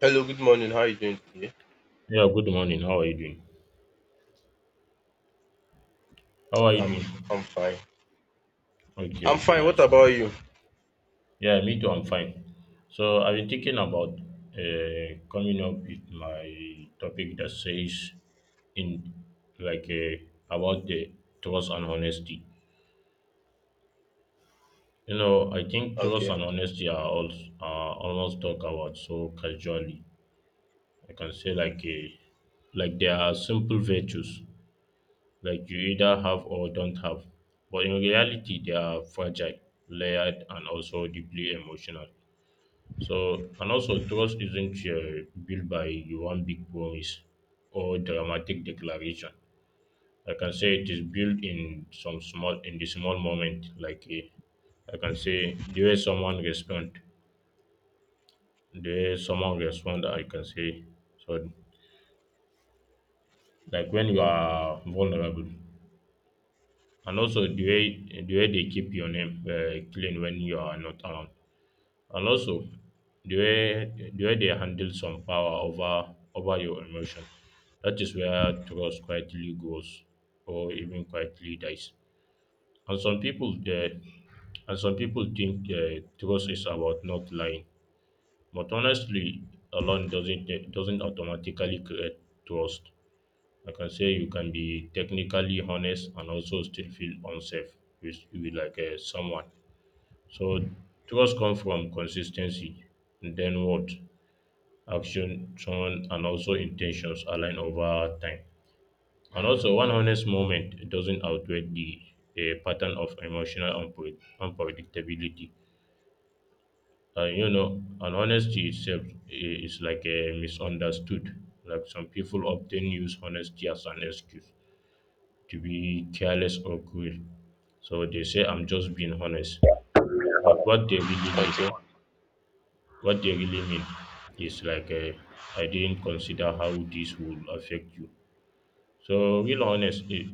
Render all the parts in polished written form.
Hello, good morning. How are you doing today? Yeah, good morning. How are you doing? How are you I'm doing? I'm fine. Okay, I'm okay, fine. What nice. about you? Yeah, me too. I'm fine. So I've been thinking about coming up with my topic that says in like uh, about the trust and honesty. You know, I think trust Okay. and honesty are also are almost talked about so casually. I can say like they are simple virtues, like you either have or don't have. But in reality, they are fragile, layered, and also deeply emotional. So, and also, trust isn't built by one big promise or dramatic declaration. I can say it is built in some small, in the small moment, like a I can say the way someone respond, the way someone respond, I can say so. Like when you are vulnerable, and also the way they keep your name clean when you are not around, and also the way they handle some power over your emotion. That is where trust quietly goes, or even quietly dies. And some people they, and some people think trust is about not lying, but honestly, alone doesn't automatically create trust. I can say you can be technically honest and also still feel unsafe with someone. So trust comes from consistency, and then what action, tone, and also intentions align over time. And also, one honest moment doesn't outweigh the pattern of emotional unpredictability. And you know, and honesty itself is like a misunderstood. Like some people often use honesty as an excuse to be careless or cruel. So they say I'm just being honest. But what they really mean, Okay. What they really mean is I didn't consider how this will affect you. So real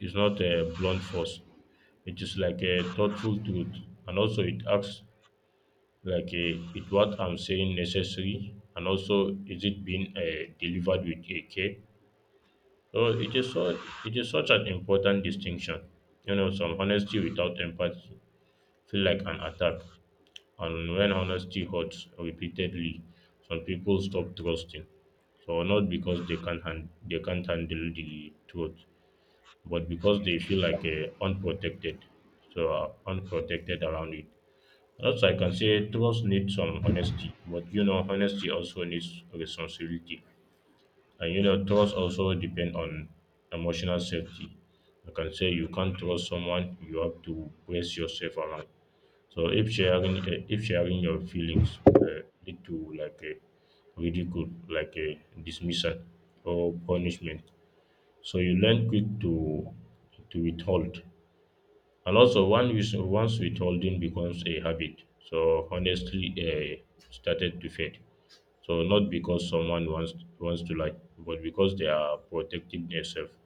is not a blunt force. It is like a thoughtful truth, and also it acts like a, it what I'm saying necessary, and also is it being delivered with a care. So it is such an important distinction. You know, some honesty without empathy feel like an attack. And when honesty hurts repeatedly, some people stop trusting. So not because they can't handle the truth, but because they feel unprotected. So unprotected around it. Also, I can say trust needs some honesty, but you know, honesty also needs responsibility. And you know, trust also depends on emotional safety. I can say you can't trust someone, you have to brace yourself around. So if sharing your feelings lead to like a ridicule, like a dismissal or punishment, so you learn quick to withhold. And also, once withholding becomes a habit, so honestly, started to fade. So not because someone wants to lie, but because they are protecting themselves.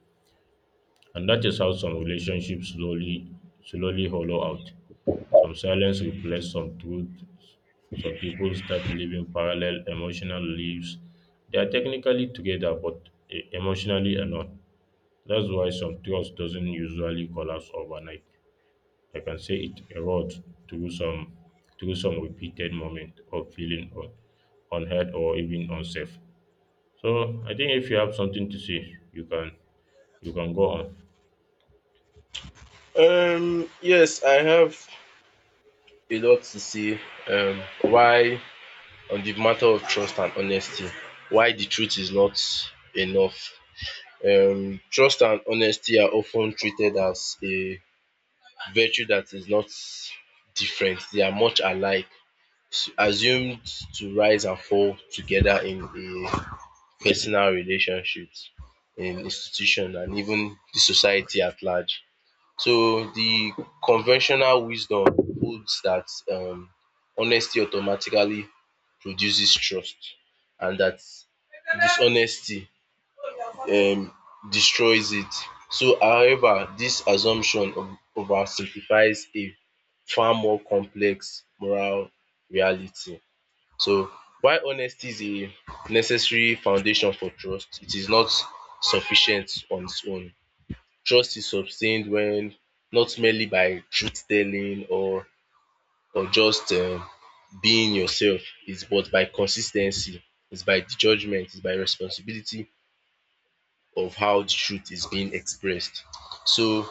And that is how some relationships slowly hollow out. Some silence replaces some truth. Some people start living parallel emotional lives. They are technically together but emotionally are not. That's why some trust doesn't usually collapse overnight. I can say it erodes through some through some repeated moment of feeling unheard or even unsafe. So I think if you have something to say, you can go on. Yes, I have a lot to say, why, on the matter of trust and honesty, why the truth is not enough. Trust and honesty are often treated as a virtue that is not different. They are much alike, assumed to rise and fall together in a personal relationships, in institution, and even the society at large. So the conventional wisdom holds that honesty automatically produces trust and that dishonesty, um destroys it. So however, this assumption oversimplifies a far more complex moral reality. So while honesty is a necessary foundation for trust, it is not sufficient on its own. Trust is sustained when not merely by truth telling, or just being yourself, it's but by consistency. It's by the judgement, it's by responsibility of how the truth is being expressed. So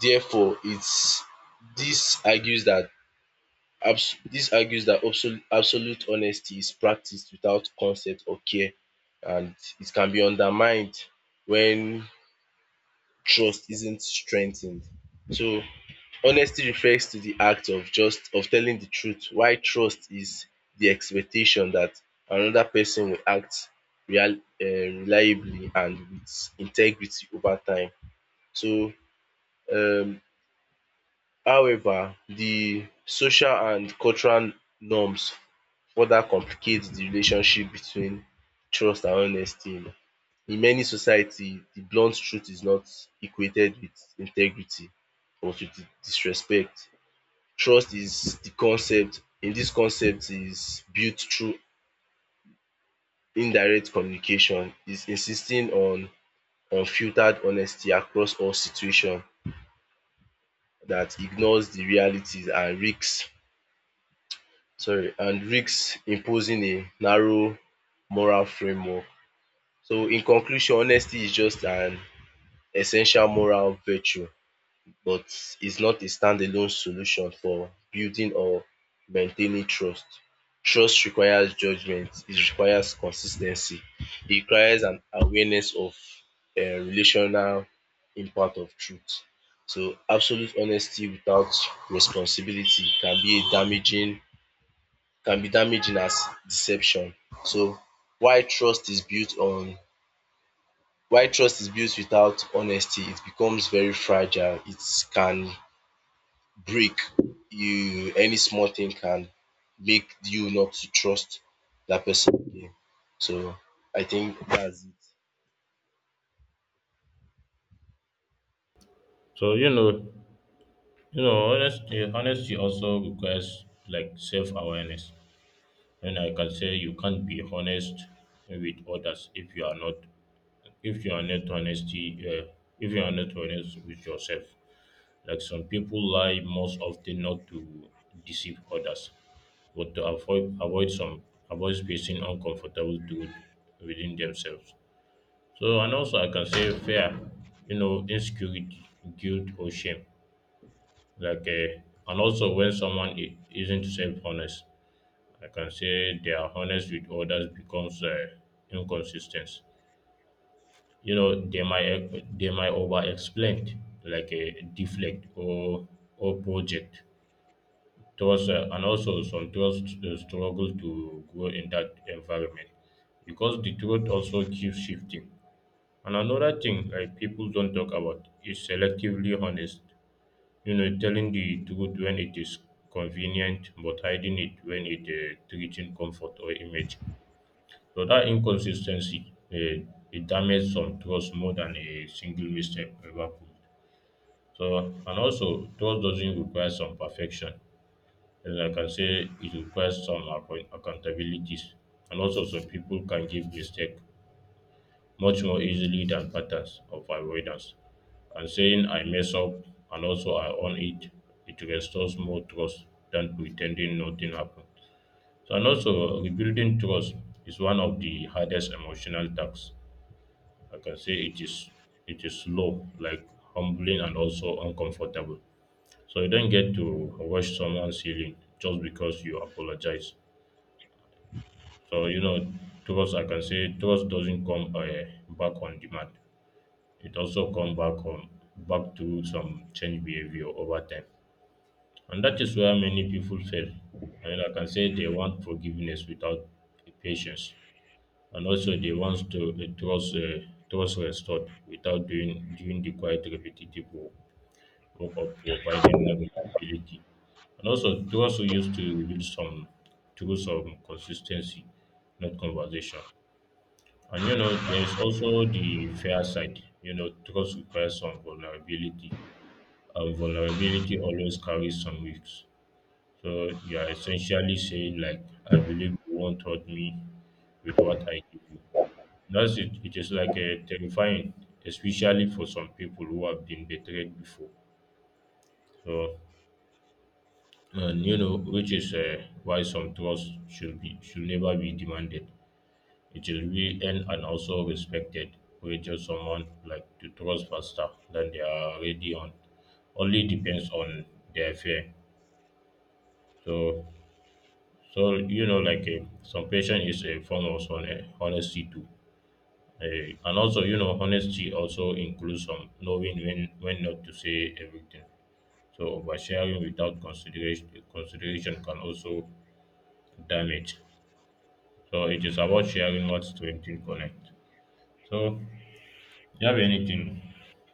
therefore, it's this argues that. Abs This argues that absolute honesty is practiced without consent or care and it can be undermined when trust isn't strengthened. So honesty refers to the act of just of telling the truth while trust is the expectation that another person will act real, reliably and with integrity over time. So um however, the social and cultural norms further complicates the relationship between trust and honesty. In many society the blunt truth is not equated with integrity or with disrespect. Trust is the concept in this concept is built through indirect communication is insisting on unfiltered honesty across all situations that ignores the realities and risk, sorry, and risk imposing a narrow moral framework. So in conclusion, honesty is just an essential moral virtue, but it's not a standalone solution for building or maintaining trust. Trust requires judgment, it requires consistency. It requires an awareness of relational impact of truth. So absolute honesty without responsibility can be a damaging, can be damaging as deception. So why trust is built on, why trust is built without honesty, it becomes very fragile. It can break. You any small thing can make you not to trust that person again. So I think that's it. So you know honesty also requires like self awareness, and I can say you can't be honest with others if you are not if you are not honesty if you are not honest with yourself. Like some people lie most often not to deceive others, but to avoid avoid some avoid facing uncomfortable truth within themselves. So and also I can say fear, you know, insecurity, guilt or shame. Like uh, and also when someone isn't self honest, I can say they are honest with others becomes inconsistent. You know, they might over explain like a deflect or project trust, and also some trust struggle to grow in that environment because the truth also keeps shifting. And another thing like people don't talk about is selectively honest. You know, telling the truth when it is convenient, but hiding it when it threatens comfort or image. So that inconsistency it damages some trust more than a single mistake ever could. So and also trust doesn't require some perfection. And I can say it requires some accountabilities. And also some people can give mistake much more easily than patterns of avoidance. And saying I mess up and also I own it, it restores more trust than pretending nothing happened. So and also rebuilding trust is one of the hardest emotional tasks. I can say it is slow, like humbling and also uncomfortable. So you don't get to wash someone's healing just because you apologize. So you know, trust, I can say trust doesn't come back on demand. It also come back on back to some change behavior over time, and that is where many people fail. I mean, I can say they want forgiveness without patience, and also they want to the trust trust restored without doing the quite repetitive work of providing reliability. And also it also used to reveal some truths of consistency, not conversation. And you know, there is also the fair side. You know, trust requires some vulnerability. And vulnerability always carries some risks. So you are essentially saying like, I believe you won't hurt me with what I give you. That's it, it is terrifying, especially for some people who have been betrayed before. So, and you know, which is why some trust should never be demanded. It should be earned and also respected. We just someone like to trust faster than they are already on. Only depends on their fear. So, so you know, some patient is a form of honesty too. And also, you know, honesty also includes some knowing when not to say everything. So oversharing without consideration can also damage. So it is about sharing what strengthens connect. So do you have anything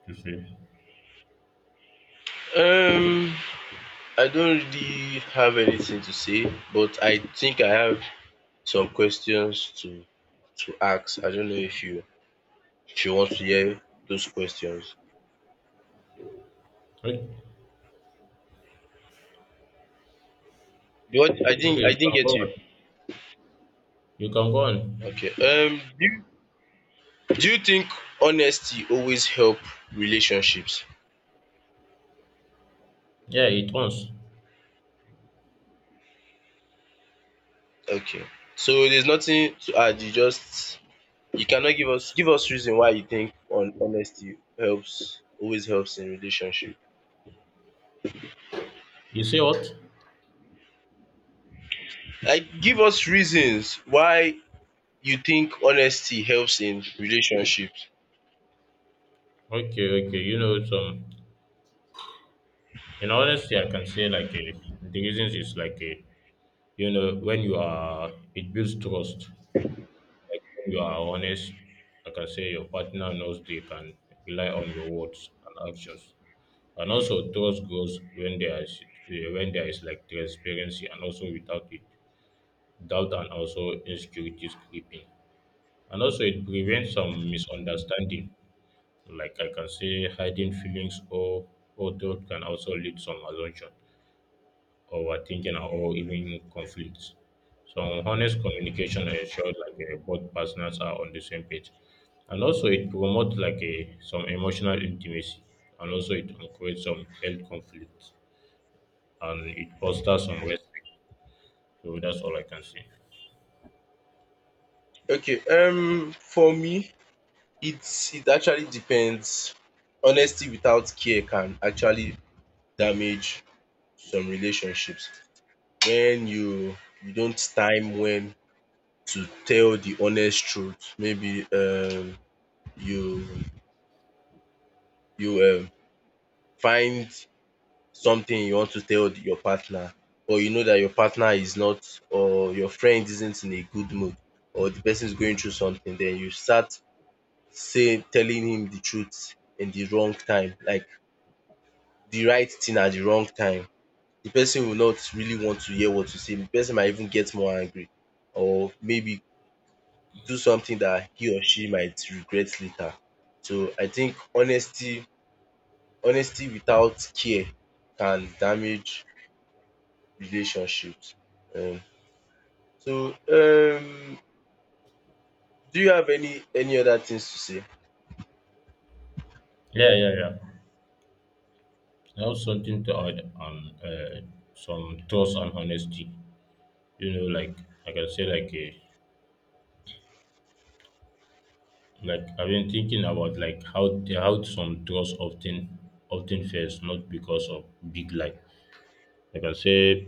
to say? Um I don't really have anything to say, but I think I have some questions to ask. I don't know if you want to hear those questions. Okay, What okay, I you didn't can go get you. on. You can go on. Okay. Do you, do you think honesty always help relationships? Yeah, it runs. Okay. So there's nothing to add. You just you cannot give us reason why you think on honesty helps, always helps in relationship. You say what? Like give us reasons why you think honesty helps in relationships. Okay, okay. You know, some in honesty, I can say the reasons is you know, when you are, it builds trust. Like when you are honest, like I can say your partner knows they can rely on your words and actions. And also trust grows when when there is like transparency, and also without it doubt and also insecurities creeping. And also it prevents some misunderstanding. Like I can say hiding feelings or doubt can also lead some assumption overthinking and or even conflicts. So honest communication ensures both partners are on the same page, and also it promotes like a some emotional intimacy, and also it creates some health conflicts, and it fosters some respect. So that's all I can say. Okay, for me it's it actually depends. Honesty without care can actually damage some relationships. When you don't time when to tell the honest truth. Maybe you you um find something you want to tell your partner, or you know that your partner is not, or your friend isn't in a good mood, or the person is going through something, then you start saying telling him the truth in the wrong time, like the right thing at the wrong time. The person will not really want to hear what you say. The person might even get more angry or maybe do something that he or she might regret later. So I think honesty without care can damage relationships. Um, so do you have any other things to say? Yeah, yeah, yeah. Now something to add on some trust and honesty. You know, like I can say, like a, like I've been thinking about like how some trust often fails not because of big lie, like I say,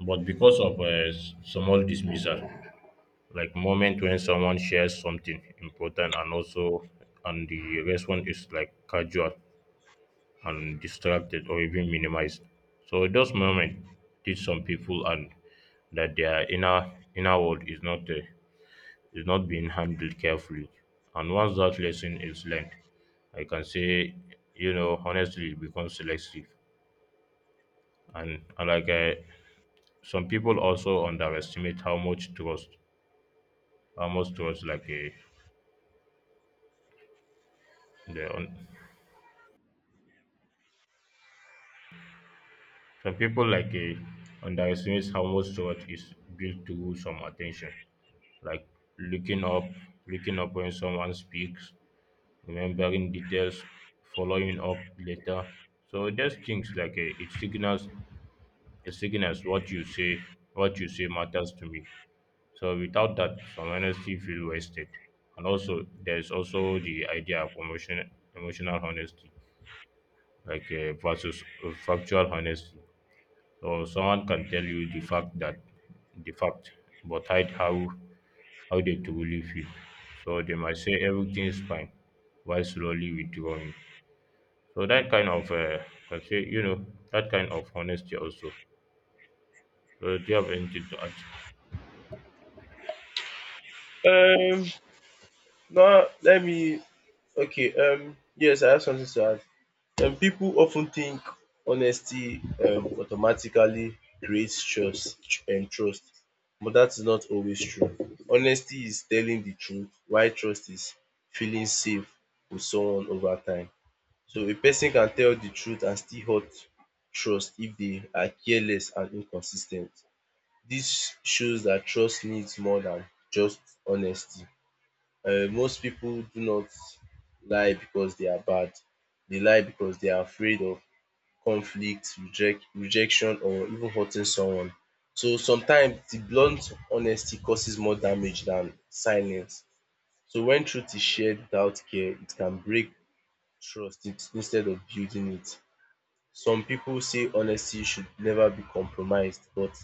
but because of a small dismissal, like moment when someone shares something important and also and the response is like casual and distracted or even minimized. So those moments teach some people and that their inner world is not there, is not being handled carefully. And once that lesson is learned, I can say, you know, honestly, it becomes selective. And, some people also underestimate how much trust, the, un- some people underestimate how much trust is built through some attention, like looking up, looking up when someone speaks, remembering details, following up later. So there's things it signals a signals what you say matters to me. So without that some honesty feel wasted. And also there's also the idea of emotional honesty versus factual honesty. So someone can tell you the fact but hide how they truly feel. So they might say everything is fine while slowly withdrawing. So that kind of can say you know that kind of honesty also. So do you have anything to add? Um, no, let me. Okay. Yes, I have something to add. People often think honesty automatically creates trust and trust, but that is not always true. Honesty is telling the truth while trust is feeling safe with someone over time. So a person can tell the truth and still hurt trust if they are careless and inconsistent. This shows that trust needs more than just honesty. Most people do not lie because they are bad. They lie because they are afraid of conflict, rejection, or even hurting someone. So sometimes the blunt honesty causes more damage than silence. So when truth is shared without care, it can break trust instead of building it. Some pipu say honesty should never be compromised but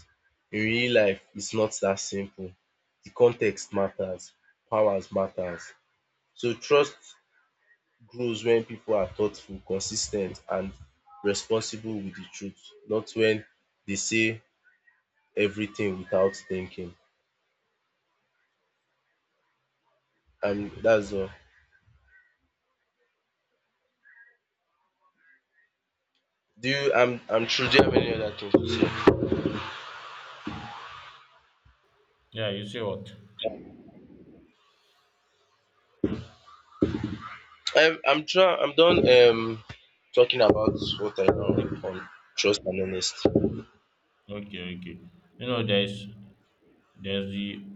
in real life it's not that simple. The context matters, powers matters. So trust grows when people are thoughtful, consistent, and responsible with the truth, not when they say everything without thinking. And that's all. Do you I'm true. Do you have any other thing to say? Yeah, you say what? I'm true. I'm done talking about what I know Okay, on trust and honesty. okay, okay. You know, there's the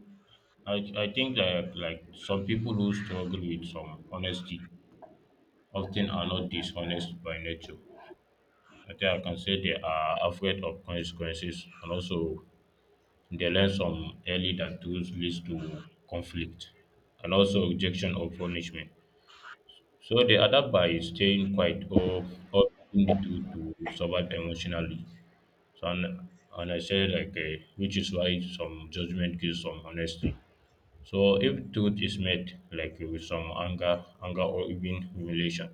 I think that like some people who struggle with some honesty often are not dishonest by nature. I think I can say they are afraid of consequences, and also they learn some early that tools leads to conflict and also rejection or punishment. So they adapt by staying quiet or in the truth to survive emotionally. So and I said which is why some judgment gives some honesty. So if truth is met like with some anger or even humiliation,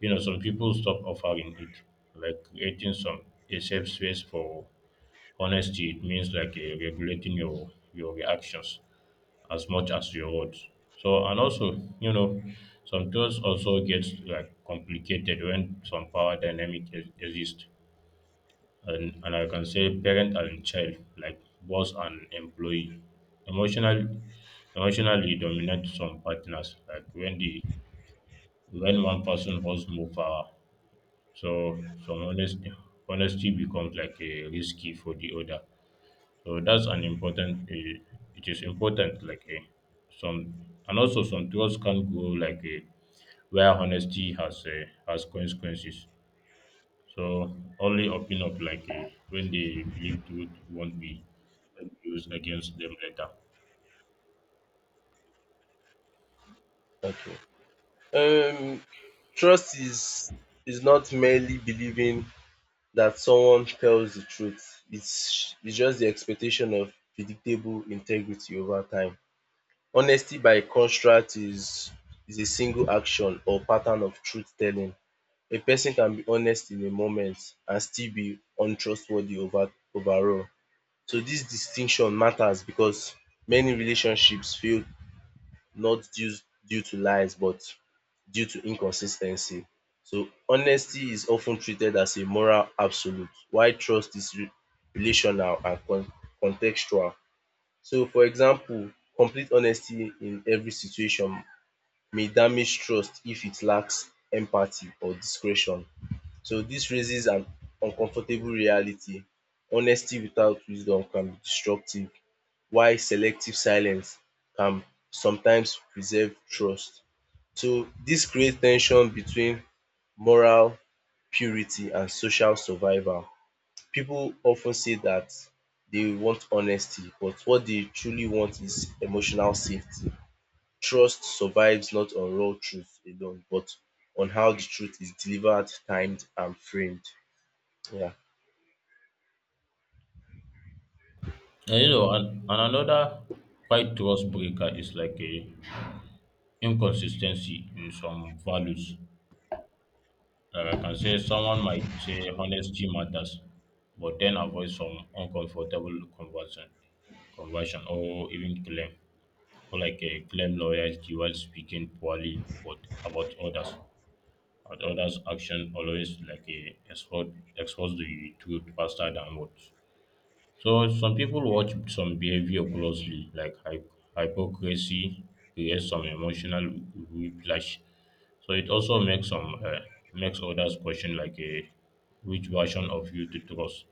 you know some people stop offering it. Like creating some a safe space for honesty, it means regulating your reactions as much as your words. So and also, you know, some truths also gets like complicated when some power dynamic exist, and I can say parent and child, like boss and employee. Emotional Emotionally dominate some partners, like when the when one person holds more power. So some honesty becomes like a risky for the other. So that's an important it is important like a some. And also some trust can grow like a where honesty has consequences. So only open up when they believe truth won't be used against them later. Okay. Um trust is not merely believing that someone tells the truth. It's just the expectation of predictable integrity over time. Honesty by contrast is a single action or pattern of truth-telling. A person can be honest in a moment and still be untrustworthy overall. So distinction matters because many relationships fail not due, due to lies but due to inconsis ten cy. So honesty is of ten treated as a moral absolute while trust is re relational and con. So for example, complete honesty in every situation may damage trust if it lacks empathy or discretion. So this raises an uncomfortable reality. Honesty without wisdom can be destructive while selective silence can sometimes preserve trust. So this creates tension between moral purity and social survival. People often say that they want honesty but what they truly want is emotional safety. Trust survives not on raw truth alone, but on how the truth is delivered, timed, and framed. Yeah. And you know, and another quite trust breaker is like a inconsistency in some values. Like I can say someone might say honesty matters, but then avoid some uncomfortable conversion or even claim, or like a claim loyalty while speaking poorly but about others. At others, action always like a expose the truth faster than words. So some people watch some behavior closely, like hypocrisy creates some emotional whiplash. So it also makes some makes others question like a which version of you to trust.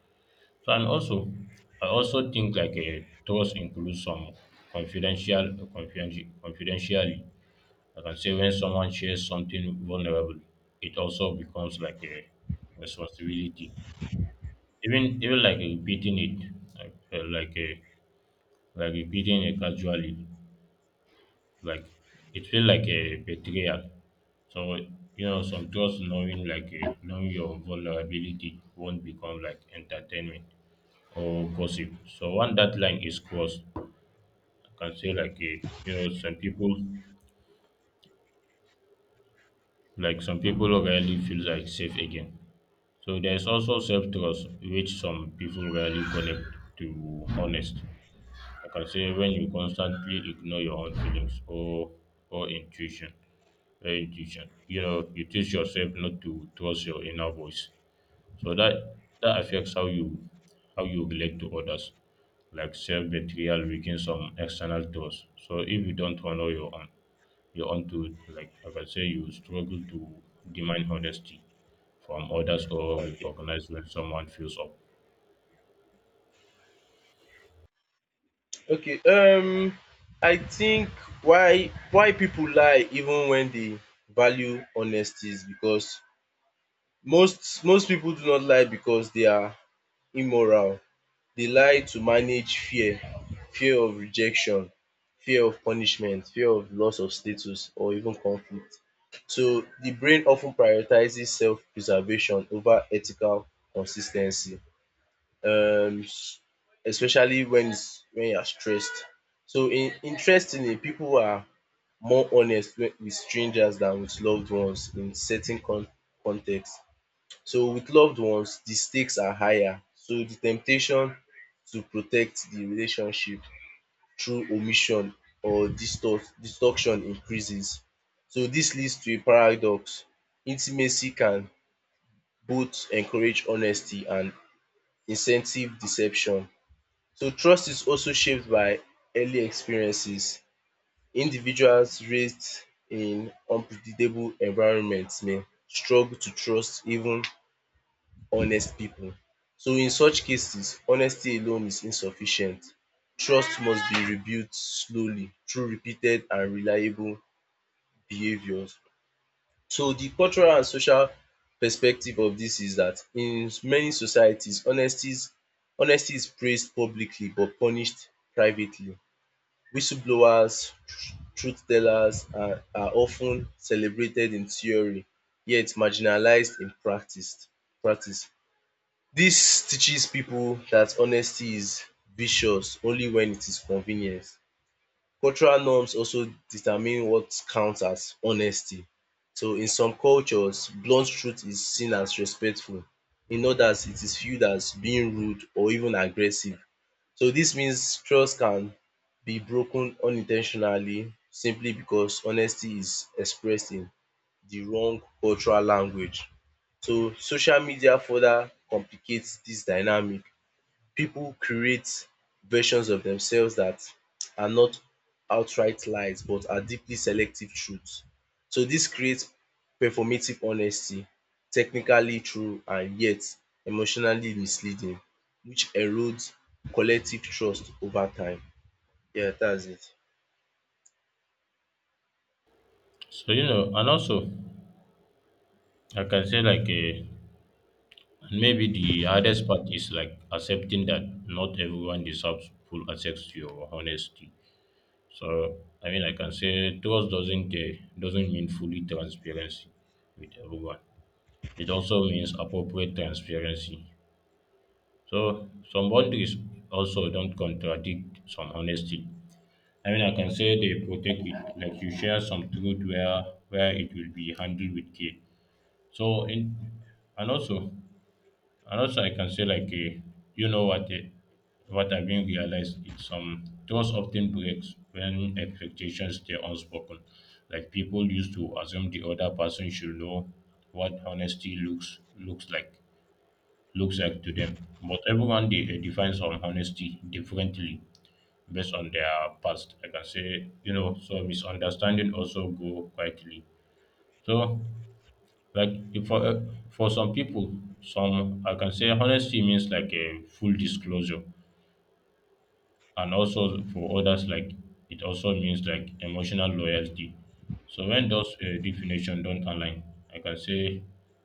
So and also, I also think like a trust includes some confidentiality. I can say when someone shares something vulnerable, it also becomes like a responsibility. Even like repeating it, like repeating it casually, like it feels like a betrayal. So you know, some trust knowing knowing your vulnerability won't become like entertainment or gossip. So when that line is crossed, I can say like a, you know, some people like some people rarely feel like safe again. So there is also self trust, which some people rarely connect to honest. I can say when you constantly ignore your own feelings or intuition, intuition, you know, you teach yourself not to trust your inner voice. So that affects how you relate to others, like self betrayal weakens some external trust. So if you don't honor your own truth, like I can say, you struggle to demand honesty from others or Okay. recognize when someone feels up. Okay. I think why people lie even when they value honesty is because most people do not lie because they are immoral. They lie to manage fear, fear of rejection, fear of punishment, fear of loss of status, or even conflict. So the brain often prioritizes self-preservation over ethical consistency, ten cy especially when it's when you are stressed. So in interestingly people are more honest with strangers than with loved ones in certain con con. So with loved ones, the stakes are higher. So the temptation to protect the relationship through omission or distort destruction increases. So this leads to a paradox. Intimacy can both encourage honesty and incentive deception. So trust is also shaped by early experiences. Individuals raised in unpredictable environments may struggle to trust even honest people. So in such cases honesty alone is insufficient, trust must be rebuilt slowly through repeated and reliable behaviours. So the cultural and social perspective of this is that in many societies honesties honesty is praised publicly but punished privately. Whistleblowers, truth tellers are of celebrated in theory yet marginalized in practice. This teaches people that honesty is vicious only when it is convenient. Cultural norms also determine what counts as honesty. So in some cultures, blunt truth is seen as respectful. In others, it is viewed as being rude or even aggressive. So this means trust can be broken unintentionally simply because honesty is expressed in the wrong cultural language. So social media further complicates this dynamic, people create versions of themselves that are not outright lies but are deeply selective truths. So this creates performative honesty, technically true and yet emotionally misleading, which erodes collective trust over time. Yeah, that's it. So, you know, and also, I can say and maybe the hardest part is like accepting that not everyone deserves full access to your honesty. So I mean I can say trust doesn't mean fully transparency with everyone. It also means appropriate transparency. So some boundaries also don't contradict some honesty. I mean I can say they protect it, like you share some truth where it will be handled with care. So in and also And also, I can say you know what, what I've been realized it's some trust often breaks when expectations stay unspoken. Like people used to assume the other person should know what honesty looks like to them. But everyone defines on honesty differently based on their past. I can say you know so misunderstanding also go quietly. So like if for for some people, some I can say honesty means like a full disclosure, and also for others like it also means like emotional loyalty. So when those definitions don't align, I can say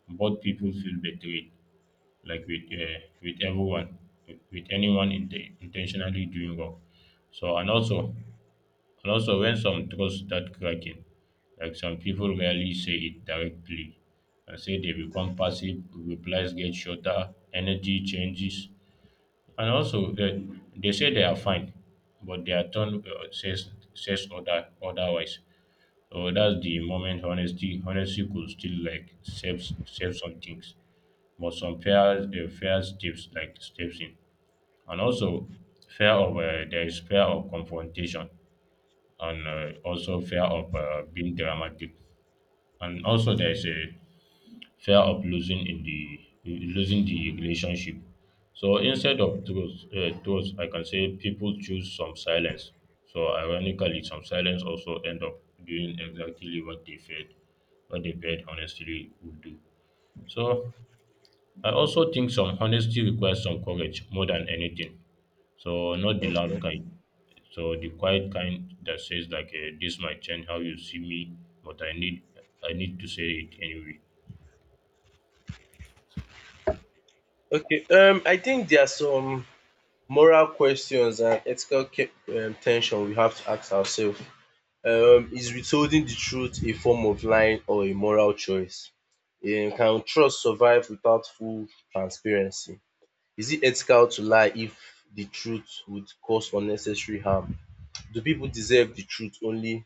both people feel betrayed, like with everyone, with anyone in intentionally doing wrong. So when some trust start cracking, like some people rarely say it directly, and say they become passive, replies get shorter, energy changes, and also they say they are fine, but their tone says other otherwise. So that's the moment honesty could still like save some things, but some fair steps like steps in, and also fear of there is fear of confrontation and also fear of being dramatic, and also there is a fear of losing the relationship. So instead of truth, I can say people choose some silence. So ironically some silence also end up doing exactly what they feared honestly would do. So I also think some honesty requires some courage more than anything. So not the loud Okay. kind. So the quiet kind that says this might change how you see me, but I need to say it anyway. Okay. I think there are some moral questions and ethical ten we have to ask ourselves. Is withholding the truth a form of lying or a moral choice? Can trust survive without full transparency? Is it ethical to lie if the truth would cause unnecessary harm? Do people deserve the truth only,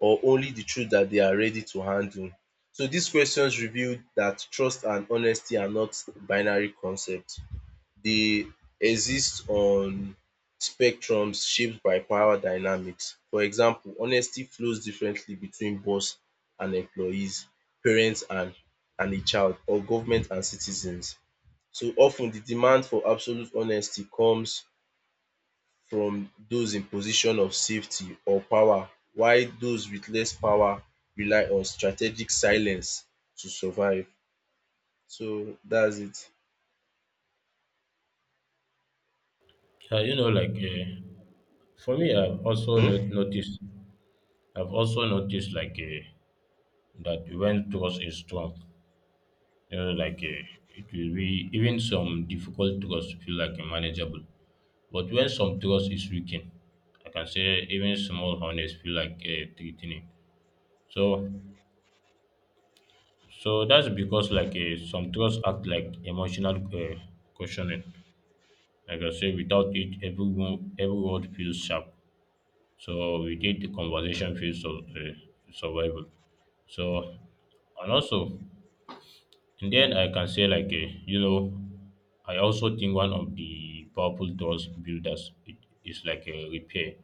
or only the truth that they are ready to handle? So these questions reveal that trust and honesty are not binary concepts. They exist on spectrums shaped by power dynamics. For example, honesty flows differently between boss and employees, parents and a child, or government and citizens. So often, the demand for absolute honesty comes from those in position of safety or power while those with less power rely on strategic silence to survive. So that's it. Yeah, you know, for me, I've also noticed. I've also noticed that when trust is strong, you know, it will be even some difficult trust feel like manageable. But when some trust is weakened, I can say even small honest feel threatening. So that's because some trust act like emotional questioning. Like I say, without it, everyone every word feels sharp. So we did the conversation feels survival. So and also in the end, I can say you know, I also think one of the powerful trust builders it is like a repair.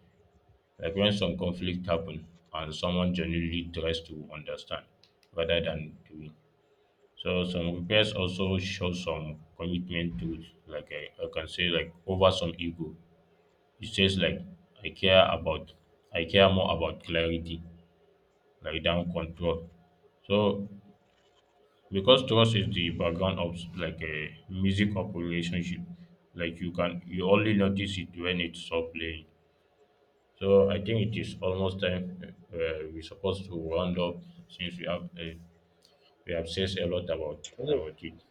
Like when some conflict happen and someone genuinely tries to understand rather than to win. So some requests also show some commitment to it. Like I can say like over some ego. It says like I care about I care more about clarity, like than control. So because trust is the background of like a music of relationship, like you only notice it when it's stop playing. So I think it is almost time we're supposed to round up since we have said a lot um about it.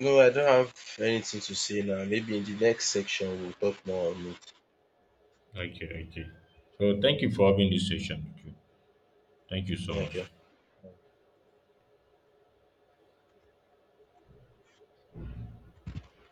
No, I don't have anything to say now. Maybe in the next section we'll talk more on it. Okay, okay. So thank you for having this session with you. Thank you so Thank you. much.